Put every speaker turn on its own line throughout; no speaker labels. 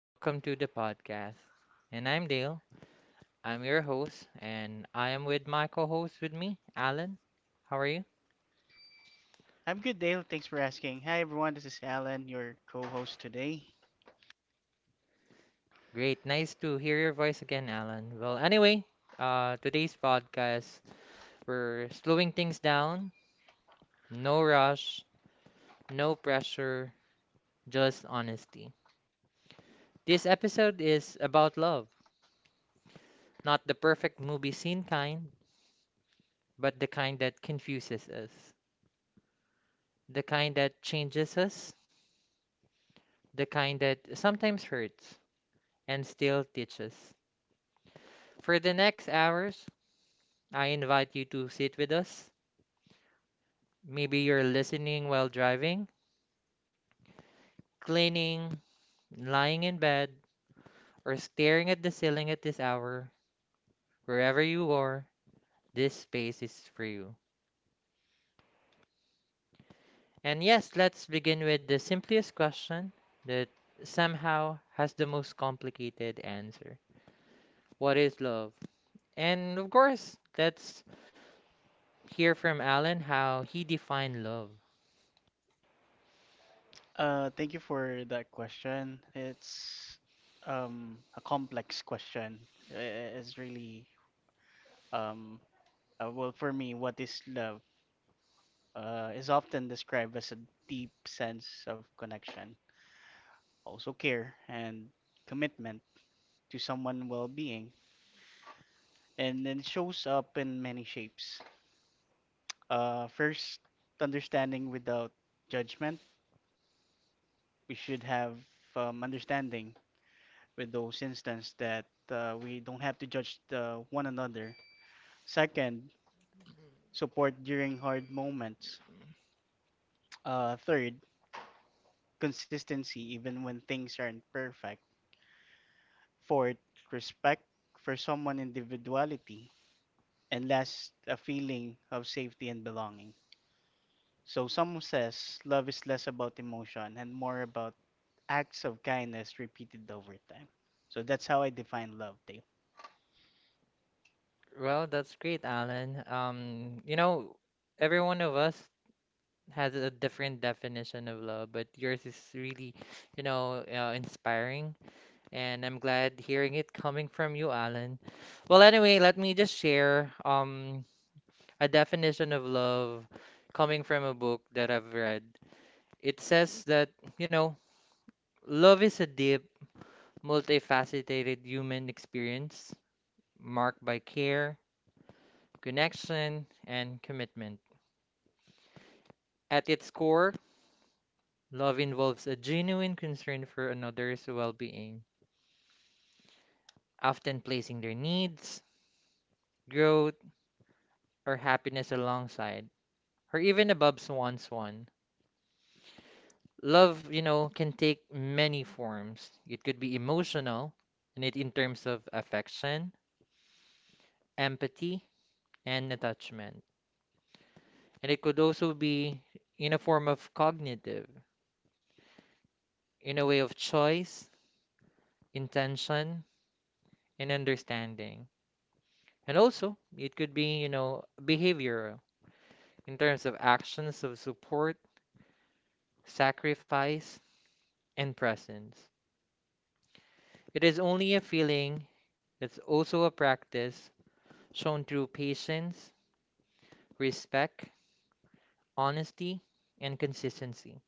Welcome to the podcast. And I'm Dale. I'm your host, and I am with my co host with me, Alan. How are you?
I'm good, Dale. Thanks for asking. Hi, everyone. This is Alan, your co-host today.
Great. Nice to hear your voice again, Alan. Well, anyway, today's podcast, we're slowing things down. No rush, no pressure, just honesty. This episode is about love, not the perfect movie scene kind, but the kind that confuses us, the kind that changes us, the kind that sometimes hurts and still teaches. For the next hours, I invite you to sit with us. Maybe you're listening while driving, cleaning, lying in bed, or staring at the ceiling at this hour. Wherever you are, this space is for you. And yes, let's begin with the simplest question that somehow has the most complicated answer. What is love? And of course, let's hear from Alan how he defined love.
Thank you for that question. It's a complex question. It's really um well, for me, what is love? Is often described as a deep sense of connection, also care and commitment to someone's well-being, and then it shows up in many shapes. First, understanding without judgment. We should have understanding with those instances that we don't have to judge one another. Second, support during hard moments. Third, consistency even when things aren't perfect. Fourth, respect for someone's individuality. And last, a feeling of safety and belonging. So some says love is less about emotion and more about acts of kindness repeated over time. So that's how I define love, Dale.
Well, that's great, Alan. You know, every one of us has a different definition of love, but yours is really, you know, inspiring, and I'm glad hearing it coming from you, Alan. Well, anyway, let me just share a definition of love coming from a book that I've read. It says that, you know, love is a deep, multifaceted human experience marked by care, connection, and commitment. At its core, love involves a genuine concern for another's well being, often placing their needs, growth, or happiness alongside, or even above one's one. Love, you know, can take many forms. It could be emotional, and it in terms of affection, empathy, and attachment. And it could also be in a form of cognitive, in a way of choice, intention, and understanding. And also, it could be, you know, behavioral in terms of actions of support, sacrifice, and presence. It is only a feeling that's also a practice shown through patience, respect, honesty, and consistency.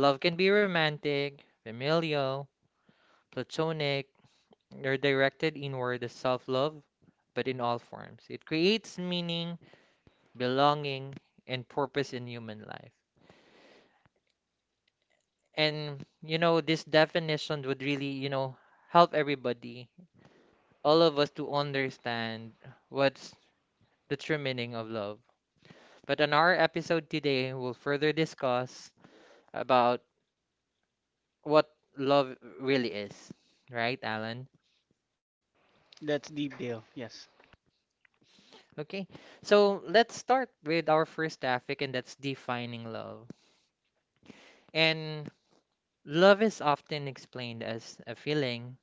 Love can be romantic, familial, platonic, or directed inward as self love, but in all forms. It creates meaning, belonging, and purpose in human life. And, you know, this definition would really, you know, help everybody all of us to understand what's the true meaning of love. But on our episode today, we'll further discuss about what love really is. Right, Alan?
That's the deal. Yes.
Okay. So let's start with our first topic, and that's defining love. And love is often explained as a feeling,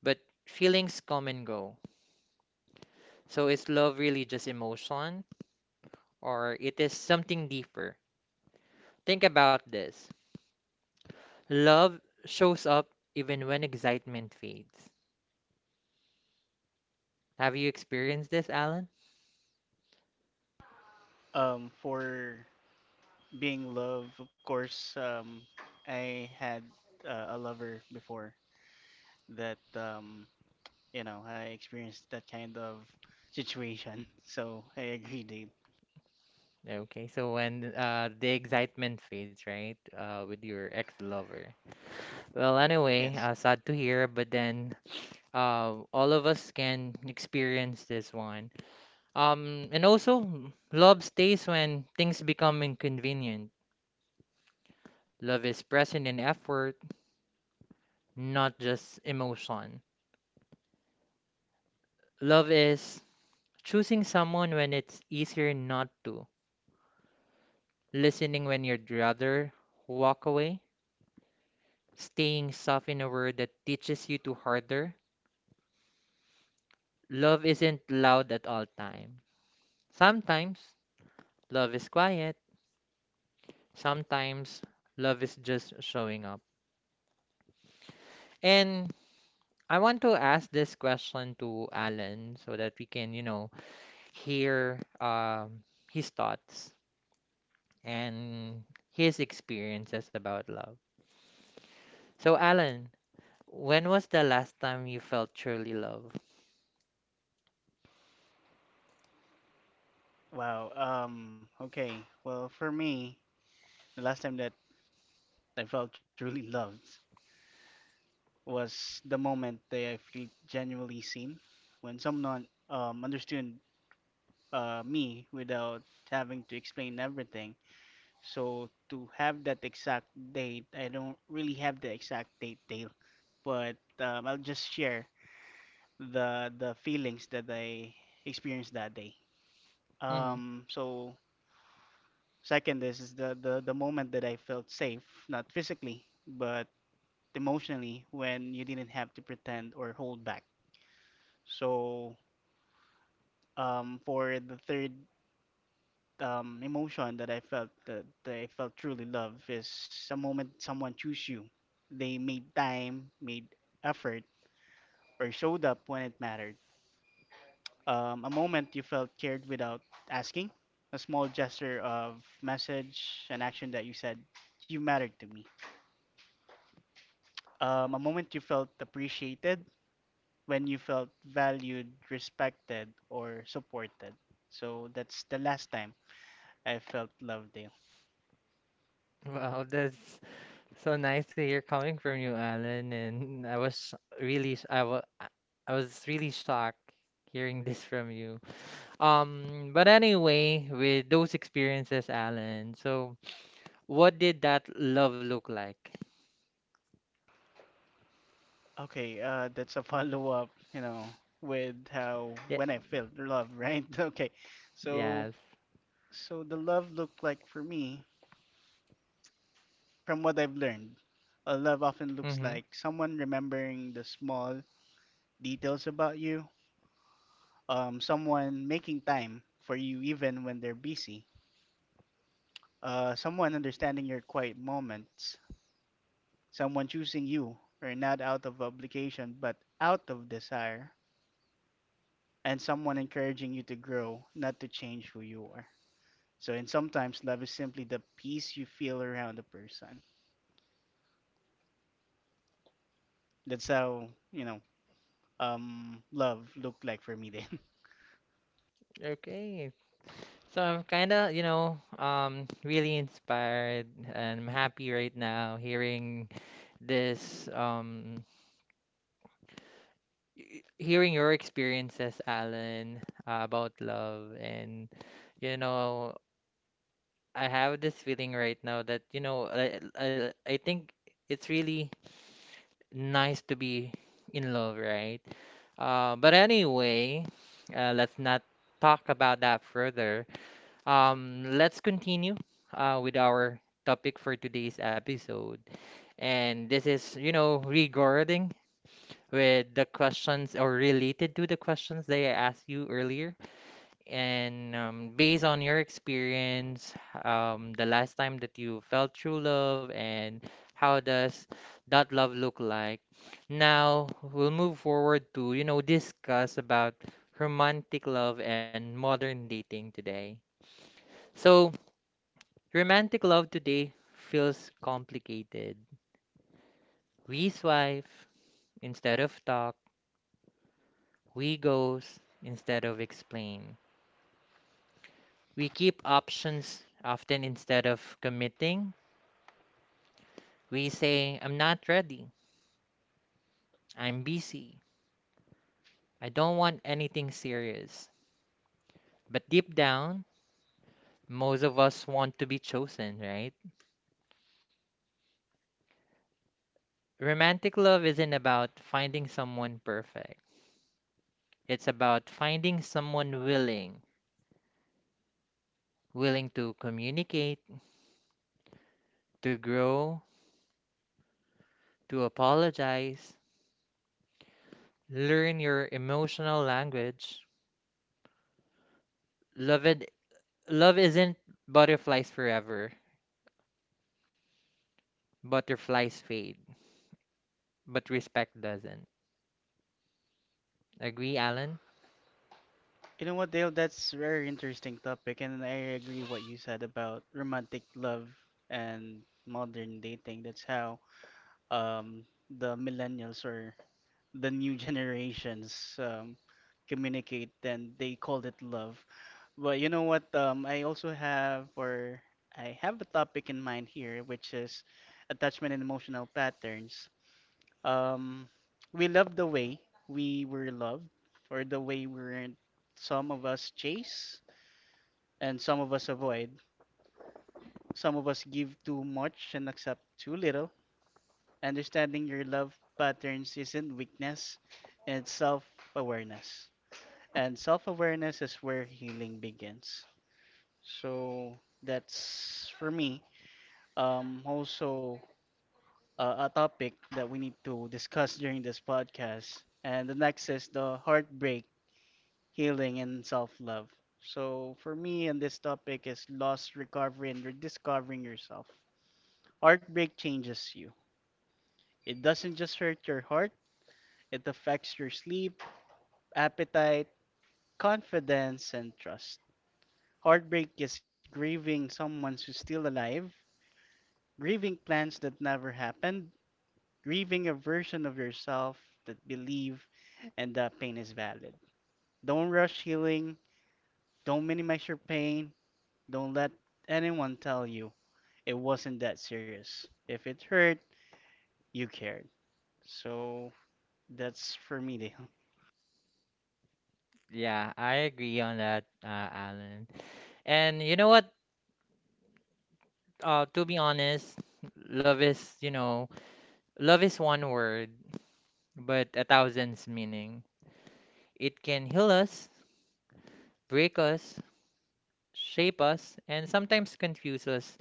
but feelings come and go. So is love really just emotion, or it is something deeper? Think about this. Love shows up even when excitement fades. Have you experienced this, Alan?
For being love, of course. I had a lover before that. You know, I experienced that kind of situation. So I agree, Dave.
Okay, so when the excitement fades, right, with your ex-lover. Well,
Yes.
anyway, sad to hear, but then all of us can experience this one. And also, mm, love stays when things become inconvenient. Love is present in effort, not just emotion. Love is choosing someone when it's easier not to listening when you'd rather walk away, staying soft in a world that teaches you to harder. Love isn't loud at all times. Sometimes love is quiet. Sometimes love is just showing up. And I want to ask this question to Alan so that we can, you know, hear his thoughts and his experiences about love. So, Alan, when was the last time you felt truly loved?
Wow. Okay. Well, for me, the last time that I felt truly loved was the moment that I feel genuinely seen, when someone understood me without having to explain everything. So to have that exact date, I don't really have the exact date, Dale, but I'll just share the feelings that I experienced that day.
Mm.
So second, this is the moment that I felt safe, not physically, but emotionally, when you didn't have to pretend or hold back. So for the third emotion that I felt, that I felt truly love is a moment someone chose you. They made time, made effort, or showed up when it mattered. A moment you felt cared without asking. A small gesture of message, an action that you said, you mattered to me. A moment you felt appreciated, when you felt valued, respected, or supported. So that's the last time I felt loved.
Wow, that's so nice to hear coming from you, Alan. And I was really, I was really shocked hearing this from you. But anyway, with those experiences, Alan, so what did that love look like?
Okay, that's a follow-up, you know, with how
Yeah,
when I felt love, right? Okay, so
yes.
so the love looked like for me, from what I've learned, a love often looks
Mm-hmm.
like someone remembering the small details about you, someone making time for you even when they're busy, someone understanding your quiet moments, someone choosing you, or not out of obligation but out of desire, and someone encouraging you to grow, not to change who you are. So, and sometimes love is simply the peace you feel around a person. That's how, you know, love looked like for me then.
Okay. So I'm kind of, you know, really inspired and I'm happy right now hearing this, hearing your experiences, Alan, about love, and you know, I have this feeling right now that you know, I think it's really nice to be in love, right? But anyway, let's not talk about that further. Let's continue with our topic for today's episode, and this is you know regarding with the questions or related to the questions that I asked you earlier. And based on your experience, the last time that you felt true love and how does that love look like? Now we'll move forward to, you know, discuss about romantic love and modern dating today. So, romantic love today feels complicated. We swipe instead of talk, we ghost instead of explain. We keep options often instead of committing. We say, I'm not ready. I'm busy. I don't want anything serious. But deep down, most of us want to be chosen, right? Romantic love isn't about finding someone perfect. It's about finding someone willing, willing to communicate, to grow, to apologize, learn your emotional language. Love it, love isn't butterflies forever. Butterflies fade, but respect doesn't. Agree, Alan?
You know what, Dale? That's a very interesting topic, and I agree what you said about romantic love and modern dating. That's how um, the millennials or the new generations communicate, then they called it love. But you know what? I also have, or I have a topic in mind here, which is attachment and emotional patterns. Um, we love the way we were loved, or the way we were. Some of us chase, and some of us avoid. Some of us give too much and accept too little. Understanding your love patterns isn't weakness, it's self awareness. And self awareness is where healing begins. So that's for me. Also, a topic that we need to discuss during this podcast. And the next is the heartbreak, healing, and self love. So for me, and this topic is loss, recovery, and rediscovering yourself. Heartbreak changes you, it doesn't just hurt your heart. It affects your sleep, appetite, confidence, and trust. Heartbreak is grieving someone who's still alive, grieving plans that never happened, grieving a version of yourself that believe and that pain is valid. Don't rush healing, don't minimize your pain, don't let anyone tell you it wasn't that serious. If it hurt, you cared. So that's for me, Dale.
Yeah, I agree on that, Alan. And you know what? To be honest, love is, you know, love is one word, but a thousand's meaning. It can heal us, break us, shape us, and sometimes confuse us.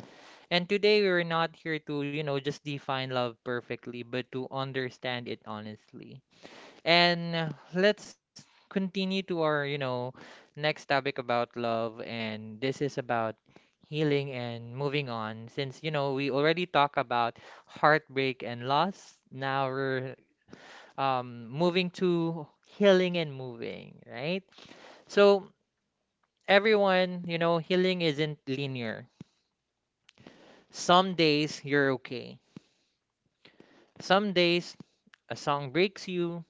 And today we're not here to, you know, just define love perfectly, but to understand it honestly. And let's continue to our, you know, next topic about love. And this is about healing and moving on. Since, you know, we already talked about heartbreak and loss, now we're moving to healing and moving, right? So, everyone, you know, healing isn't linear. Some days you're okay, some days a song breaks you,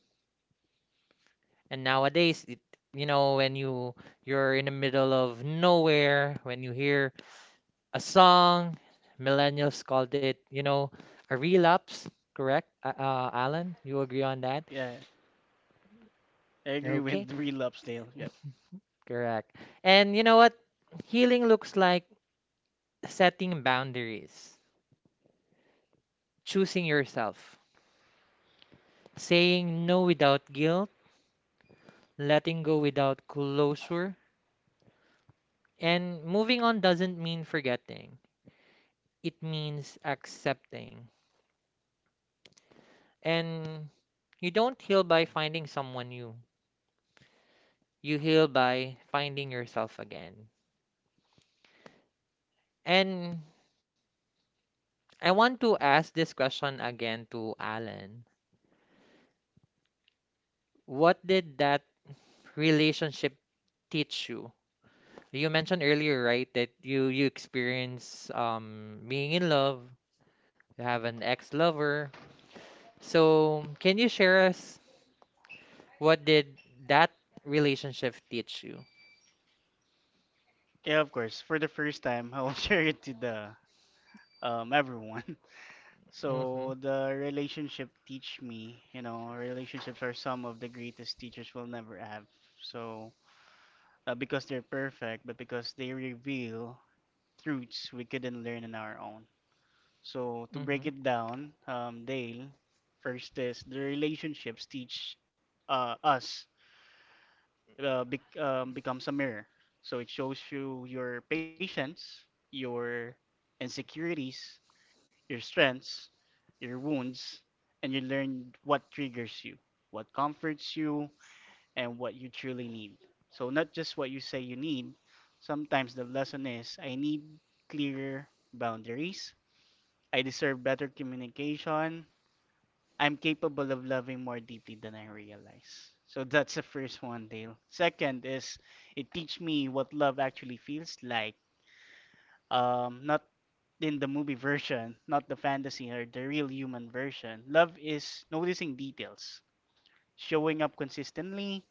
and nowadays, you know, when you're in the middle of nowhere, when you hear a song, millennials called it, you know, a relapse, correct? Alan, you agree on that?
Yeah, I agree
Okay,
with relapse, Dale. Yep.
correct. And you know what? Healing looks like setting boundaries, choosing yourself, saying no without guilt, letting go without closure, and moving on doesn't mean forgetting. It means accepting. And you don't heal by finding someone new. You heal by finding yourself again. And I want to ask this question again to Alan. What did that relationship teach you? You mentioned earlier, right, that you experience being in love. You have an ex-lover. So, can you share us what did that relationship teach you?
Yeah, of course. For the first time, I will share it to the everyone.
Mm-hmm.
So the relationship teach me, you know, relationships are some of the greatest teachers will never have. So not because they're perfect, but because they reveal truths we couldn't learn on our own. So to
Mm-hmm.
break it down, Dale, first is the relationships teach us becomes a mirror. So it shows you your patience, your insecurities, your strengths, your wounds, and you learn what triggers you, what comforts you, and what you truly need. So not just what you say you need. Sometimes the lesson is I need clearer boundaries. I deserve better communication. I'm capable of loving more deeply than I realize. So that's the first one, Dale. Second is it teach me what love actually feels like. Not in the movie version, not the fantasy or the real human version. Love is noticing details, showing up consistently,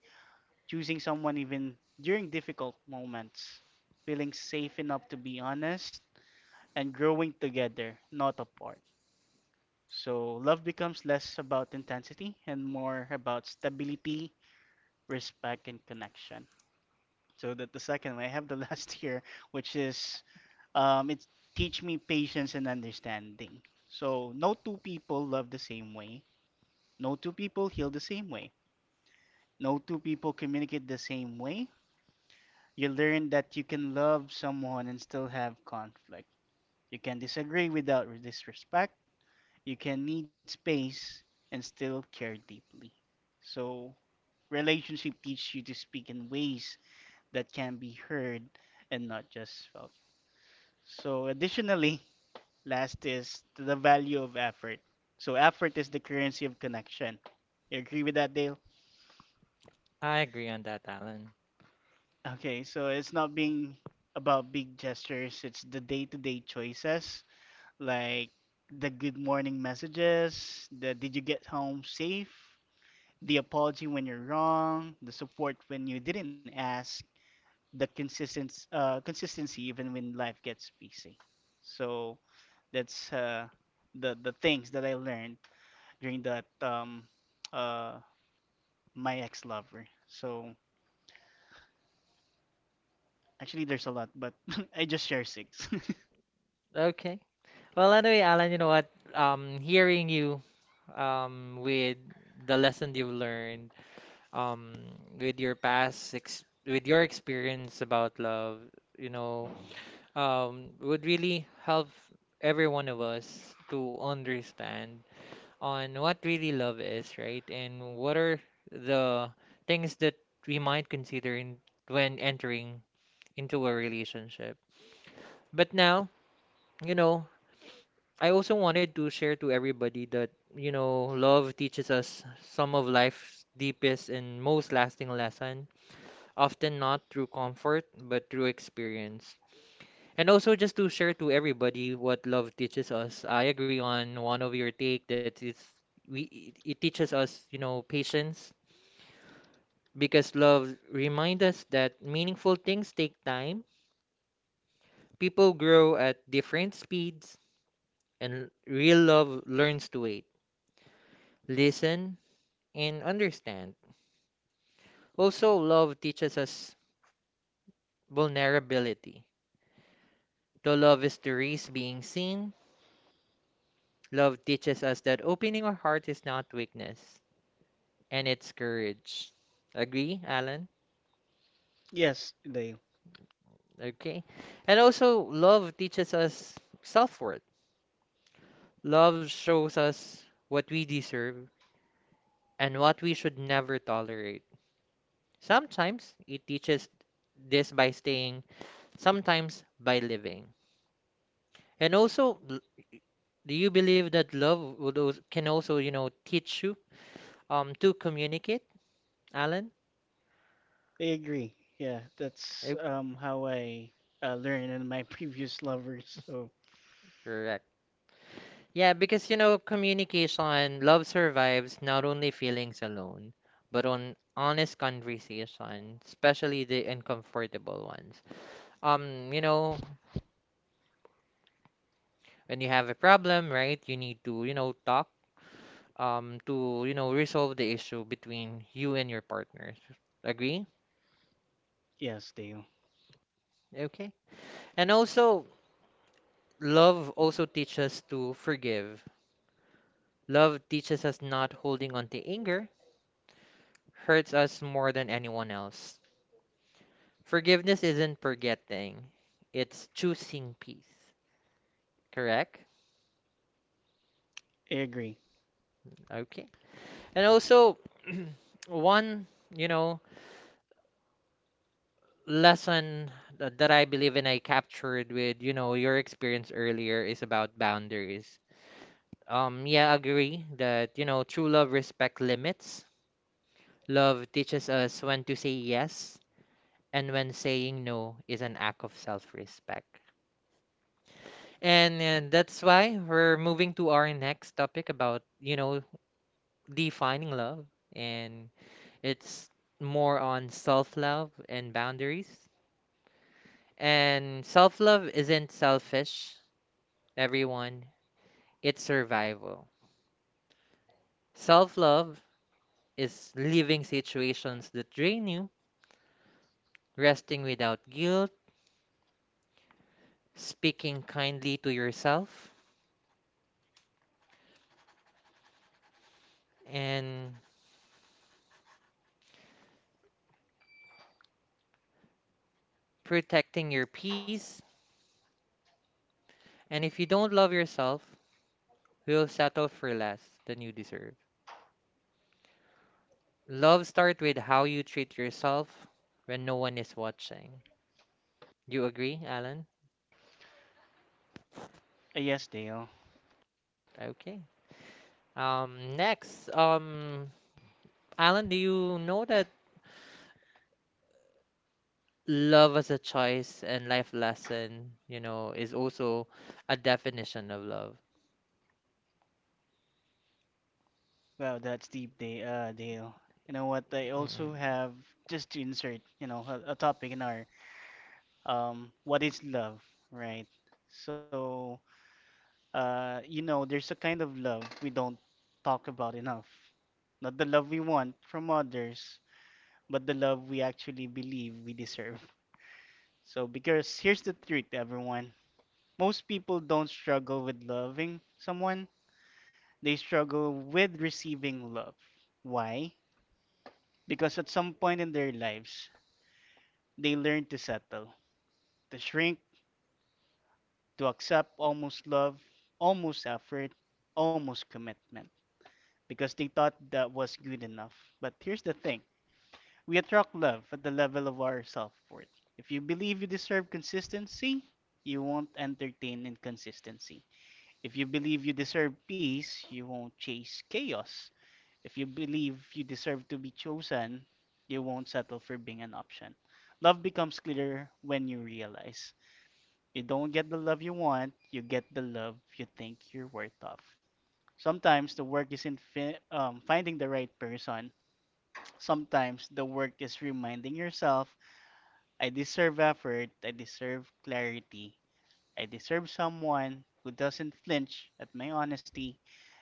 choosing someone even during difficult moments, feeling safe enough to be honest, and growing together, not apart. So love becomes less about intensity and more about stability, respect, and connection. So that the second one, I have the last here, which is it's teach me patience and understanding. So no two people love the same way. No two people heal the same way. No two people communicate the same way. You learn that you can love someone and still have conflict. You can disagree without disrespect, you can need space and still care deeply. So, relationship teaches you to speak in ways that can be heard and not just felt. So, additionally, last is the value of effort. So, effort is the currency of connection. You agree with that, Dale?
I agree on that, Alan.
Okay, so it's not being about big gestures, it's the day to day choices like the good morning messages, the did you get home safe, the apology when you're wrong, the support when you didn't ask, the consistent consistency even when life gets busy. So that's the things that I learned during that uh, my ex lover. So actually, there's a lot, but I just share six.
Okay. Well, anyway, Alan, you know what? Hearing you with the lesson you've learned, um, with your past ex with your experience about love, you know, would really help every one of us to understand on what really love is, right? And what are the things that we might consider in when entering into a relationship. But now, you know, I also wanted to share to everybody that, you know, love teaches us some of life's deepest and most lasting lesson, often not through comfort, but through experience. And also just to share to everybody what love teaches us. I agree on one of your take that it's we it it teaches us, you know, patience because love reminds us that meaningful things take time. People grow at different speeds and real love learns to wait listen and understand. Also, love teaches us vulnerability. Though love is the risk being seen, love teaches us that opening our heart is not weakness and it's courage. Agree, Alan?
Yes, Dale.
Okay. And also, love teaches us self worth. Love shows us what we deserve and what we should never tolerate. Sometimes it teaches this by staying, sometimes by living. And also, do you believe that love would also, can also, you know, teach you to communicate, Alan?
I agree. Yeah, that's
Eh,
how I learned in my previous lovers. So
correct. Yeah, because you know, communication, love survives not only feelings alone, but on honest conversation, especially the uncomfortable ones. You know, when you have a problem, right, you need to, you know, talk to, you know, resolve the issue between you and your partner. Agree?
yes, Dale,
Okay. And also, love also teaches us to forgive. Love teaches us not holding on to anger hurts us more than anyone else. Forgiveness isn't forgetting, it's choosing peace. Correct?
I agree.
Okay. And also, one, you know, lesson that I believe in I captured with, you know, your experience earlier is about boundaries. Yeah, I agree that, you know, true love respects limits. Love teaches us when to say yes and when saying no is an act of self respect. And that's why we're moving to our next topic about, you know, defining love. And it's more on self love and boundaries. And self love isn't selfish, everyone, it's survival. Self love is leaving situations that drain you, resting without guilt, speaking kindly to yourself, and protecting your peace. And if you don't love yourself, you'll settle for less than you deserve. Love starts with how you treat yourself when no one is watching. You agree, Alan?
Yes, Dale.
Okay. Next, Alan, do you know that love as a choice and life lesson, you know, is also a definition of love?
Wow, that's deep, Dale. You know what? I
Mm-mm.
also have just to insert, you know, a topic in our what is love, right? So, you know, there's a kind of love we don't talk about enough. Not the love we want from others, but the love we actually believe we deserve. So, because here's the truth, everyone. Most people don't struggle with loving someone. They struggle with receiving love. Why? Because at some point in their lives, they learn to settle, to shrink, to accept almost love, almost effort, almost commitment, because they thought that was good enough. But here's the thing, we attract love at the level of our self worth. If you believe you deserve consistency, you won't entertain inconsistency. If you believe you deserve peace, you won't chase chaos. If you believe you deserve to be chosen, you won't settle for being an option. Love becomes clearer when you realize you don't get the love you want, you get the love you think you're worth of. Sometimes the work isn't finding the right person. Sometimes the work is reminding yourself, I deserve effort, I deserve clarity, I deserve someone who doesn't flinch at my honesty,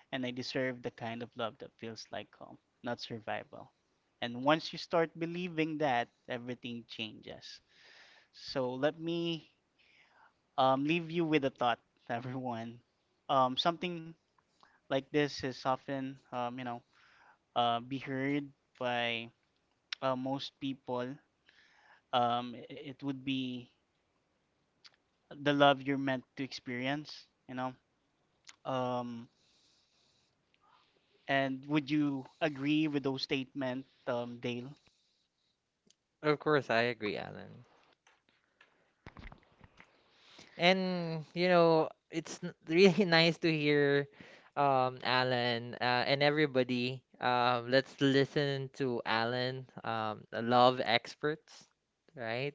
and I deserve the kind of love that feels like home, not survival. And once you start believing that, everything changes. So let me leave you with a thought, everyone. Something like this is often, you know, be heard by most people. It would be the love you're meant to experience, you know. Um, and would you agree with those statements, Dale?
Of course, I agree, Alan. And you know, it's really nice to hear Alan and everybody. Let's listen to Alan, a love experts, right?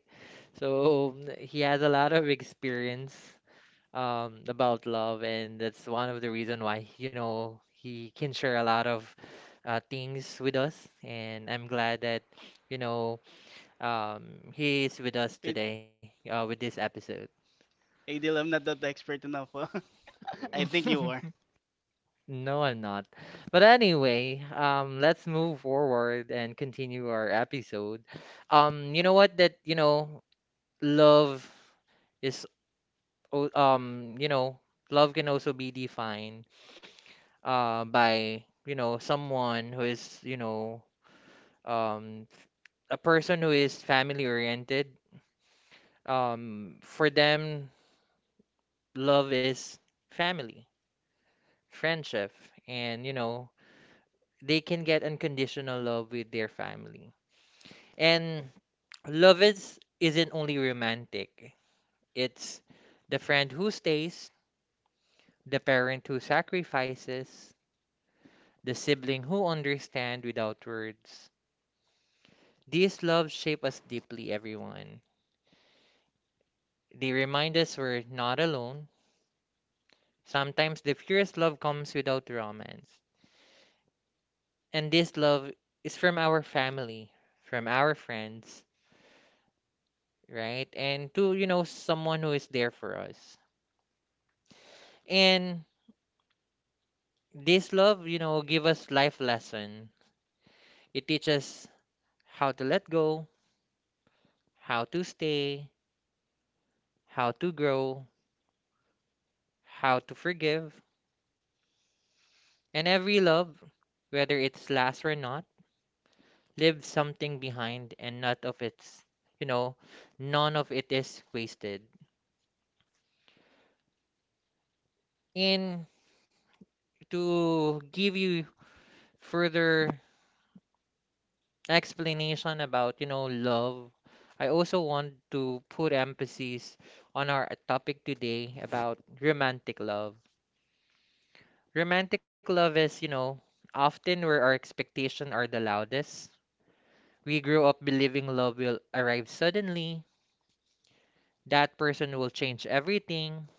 So he has a lot of experience about love, and that's one of the reason why, you know, he can share a lot of things with us. And I'm glad that, you know, he is with us
It,
today with this episode.
Hey Dale, I'm not that expert enough. I think you are.
No, I'm not. But anyway, let's move forward and continue our episode. You know what? That, you know, love is, you know, love can also be defined, by, you know, someone who is, you know, um, a person who is family oriented. For them, love is family, friendship, and, you know, they can get unconditional love with their family. And love is isn't only romantic. It's the friend who stays, the parent who sacrifices, the sibling who understand without words. These loves shape us deeply, everyone. They remind us we're not alone. Sometimes the purest love comes without romance. And this love is from our family, from our friends, right? And to, you know, someone who is there for us. And this love, you know, give us life lesson. It teaches how to let go, how to stay, how to grow, how to forgive. And every love, whether it's last or not, leaves something behind and not of its, you know, none of it is wasted. And to give you further explanation about, you know, love, I also want to put emphasis on our topic today about romantic love. Romantic love is, you know, often where our expectations are the loudest. We grew up believing love will arrive suddenly, that person will change everything,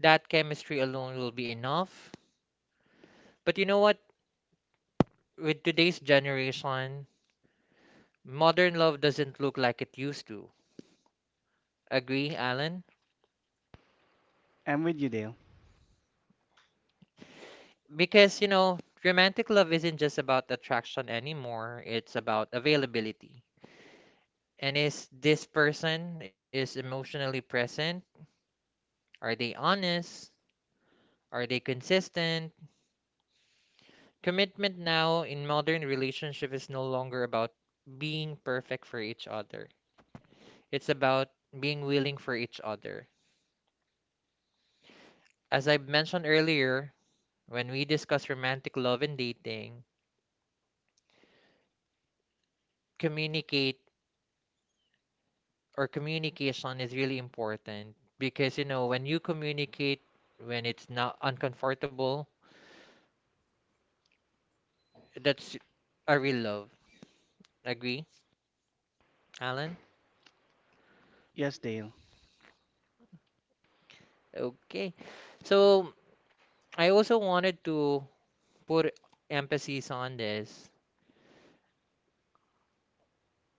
that chemistry alone will be enough. But you know what? With today's generation, modern love doesn't look like it used to. Agree, Alan?
I'm with you, Dale.
Because, you know, romantic love isn't just about attraction anymore, it's about availability. And is this person is emotionally present? Are they honest? Are they consistent? Commitment now in modern relationship is no longer about being perfect for each other. It's about being willing for each other. As I mentioned earlier, when we discuss romantic love and dating, communicate or communication is really important because you know when you communicate when it's not uncomfortable, that's a real love. Agree, Alan?
Yes, Dale.
Okay. So I also wanted to put emphasis on this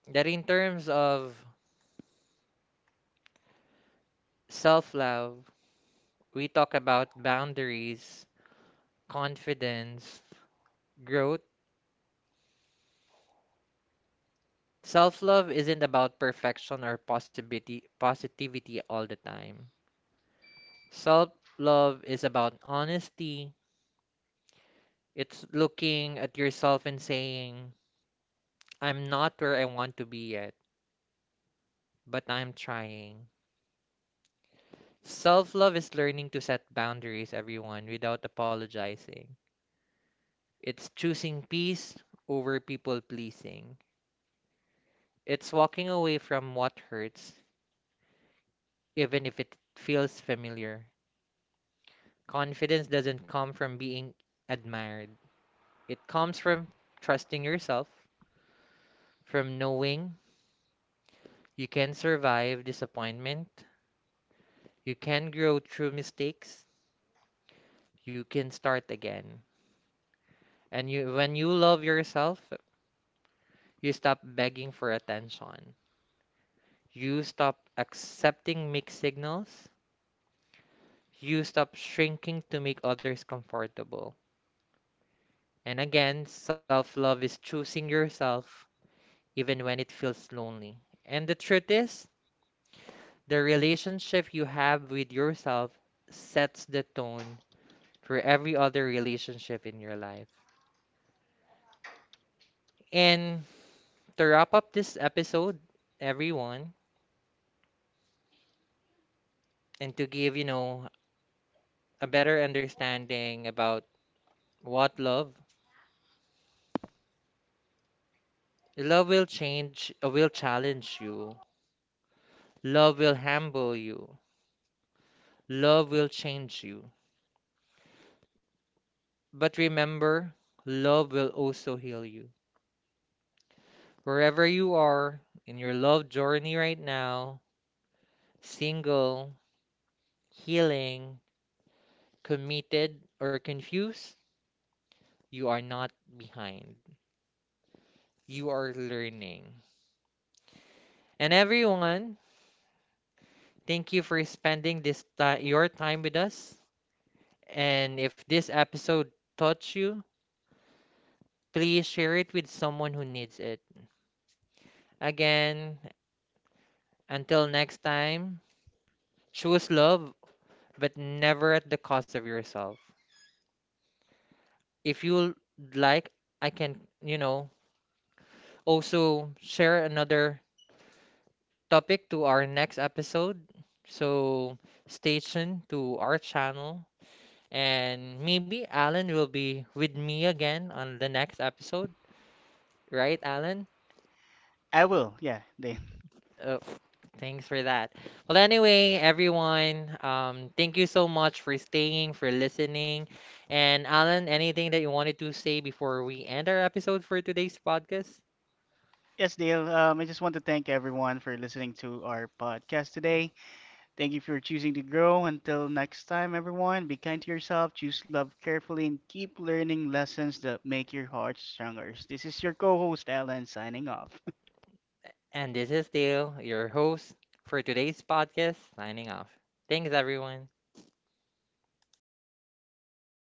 that in terms of self love, we talk about boundaries, confidence, growth. Self love isn't about perfection or possibility, positivity all the time. Self love is about honesty, it's looking at yourself and saying, I'm not where I want to be yet, but I'm trying. Self love is learning to set boundaries, everyone, without apologizing. It's choosing peace over people pleasing. It's walking away from what hurts, even if it feels familiar. Confidence doesn't come from being admired, it comes from trusting yourself, from knowing you can survive disappointment, you can grow through mistakes, you can start again. And you, when you love yourself, you stop begging for attention. You stop accepting mixed signals. You stop shrinking to make others comfortable. And again, self love is choosing yourself even when it feels lonely. And the truth is, the relationship you have with yourself sets the tone for every other relationship in your life. And to wrap up this episode, everyone, and to give, you know, a better understanding about what love, love will change, will challenge you. Love will humble you. Love will change you. But remember, love will also heal you. Wherever you are in your love journey right now, single, healing, committed, or confused, you are not behind. You are learning. And everyone, thank you for spending this your time with us. And if this episode touched you, please share it with someone who needs it. Again, until next time, choose love but never at the cost of yourself. If you like, I can, you know, also share another topic to our next episode. So stay tuned to our channel. And maybe Alan will be with me again on the next episode, right, Alan?
I will. Yeah, Dale.
Oh, thanks for that. Well, anyway, everyone, thank you so much for staying, for listening. And Alan, anything that you wanted to say before we end our episode for today's podcast?
Yes, Dale. I just want to thank everyone for listening to our podcast today. Thank you for choosing to grow. Until next time, everyone, be kind to yourself, choose love carefully, and keep learning lessons that make your heart stronger. This is your co host, Alan, signing off.
And this is Dale, your host for today's podcast, signing off. Thanks, everyone.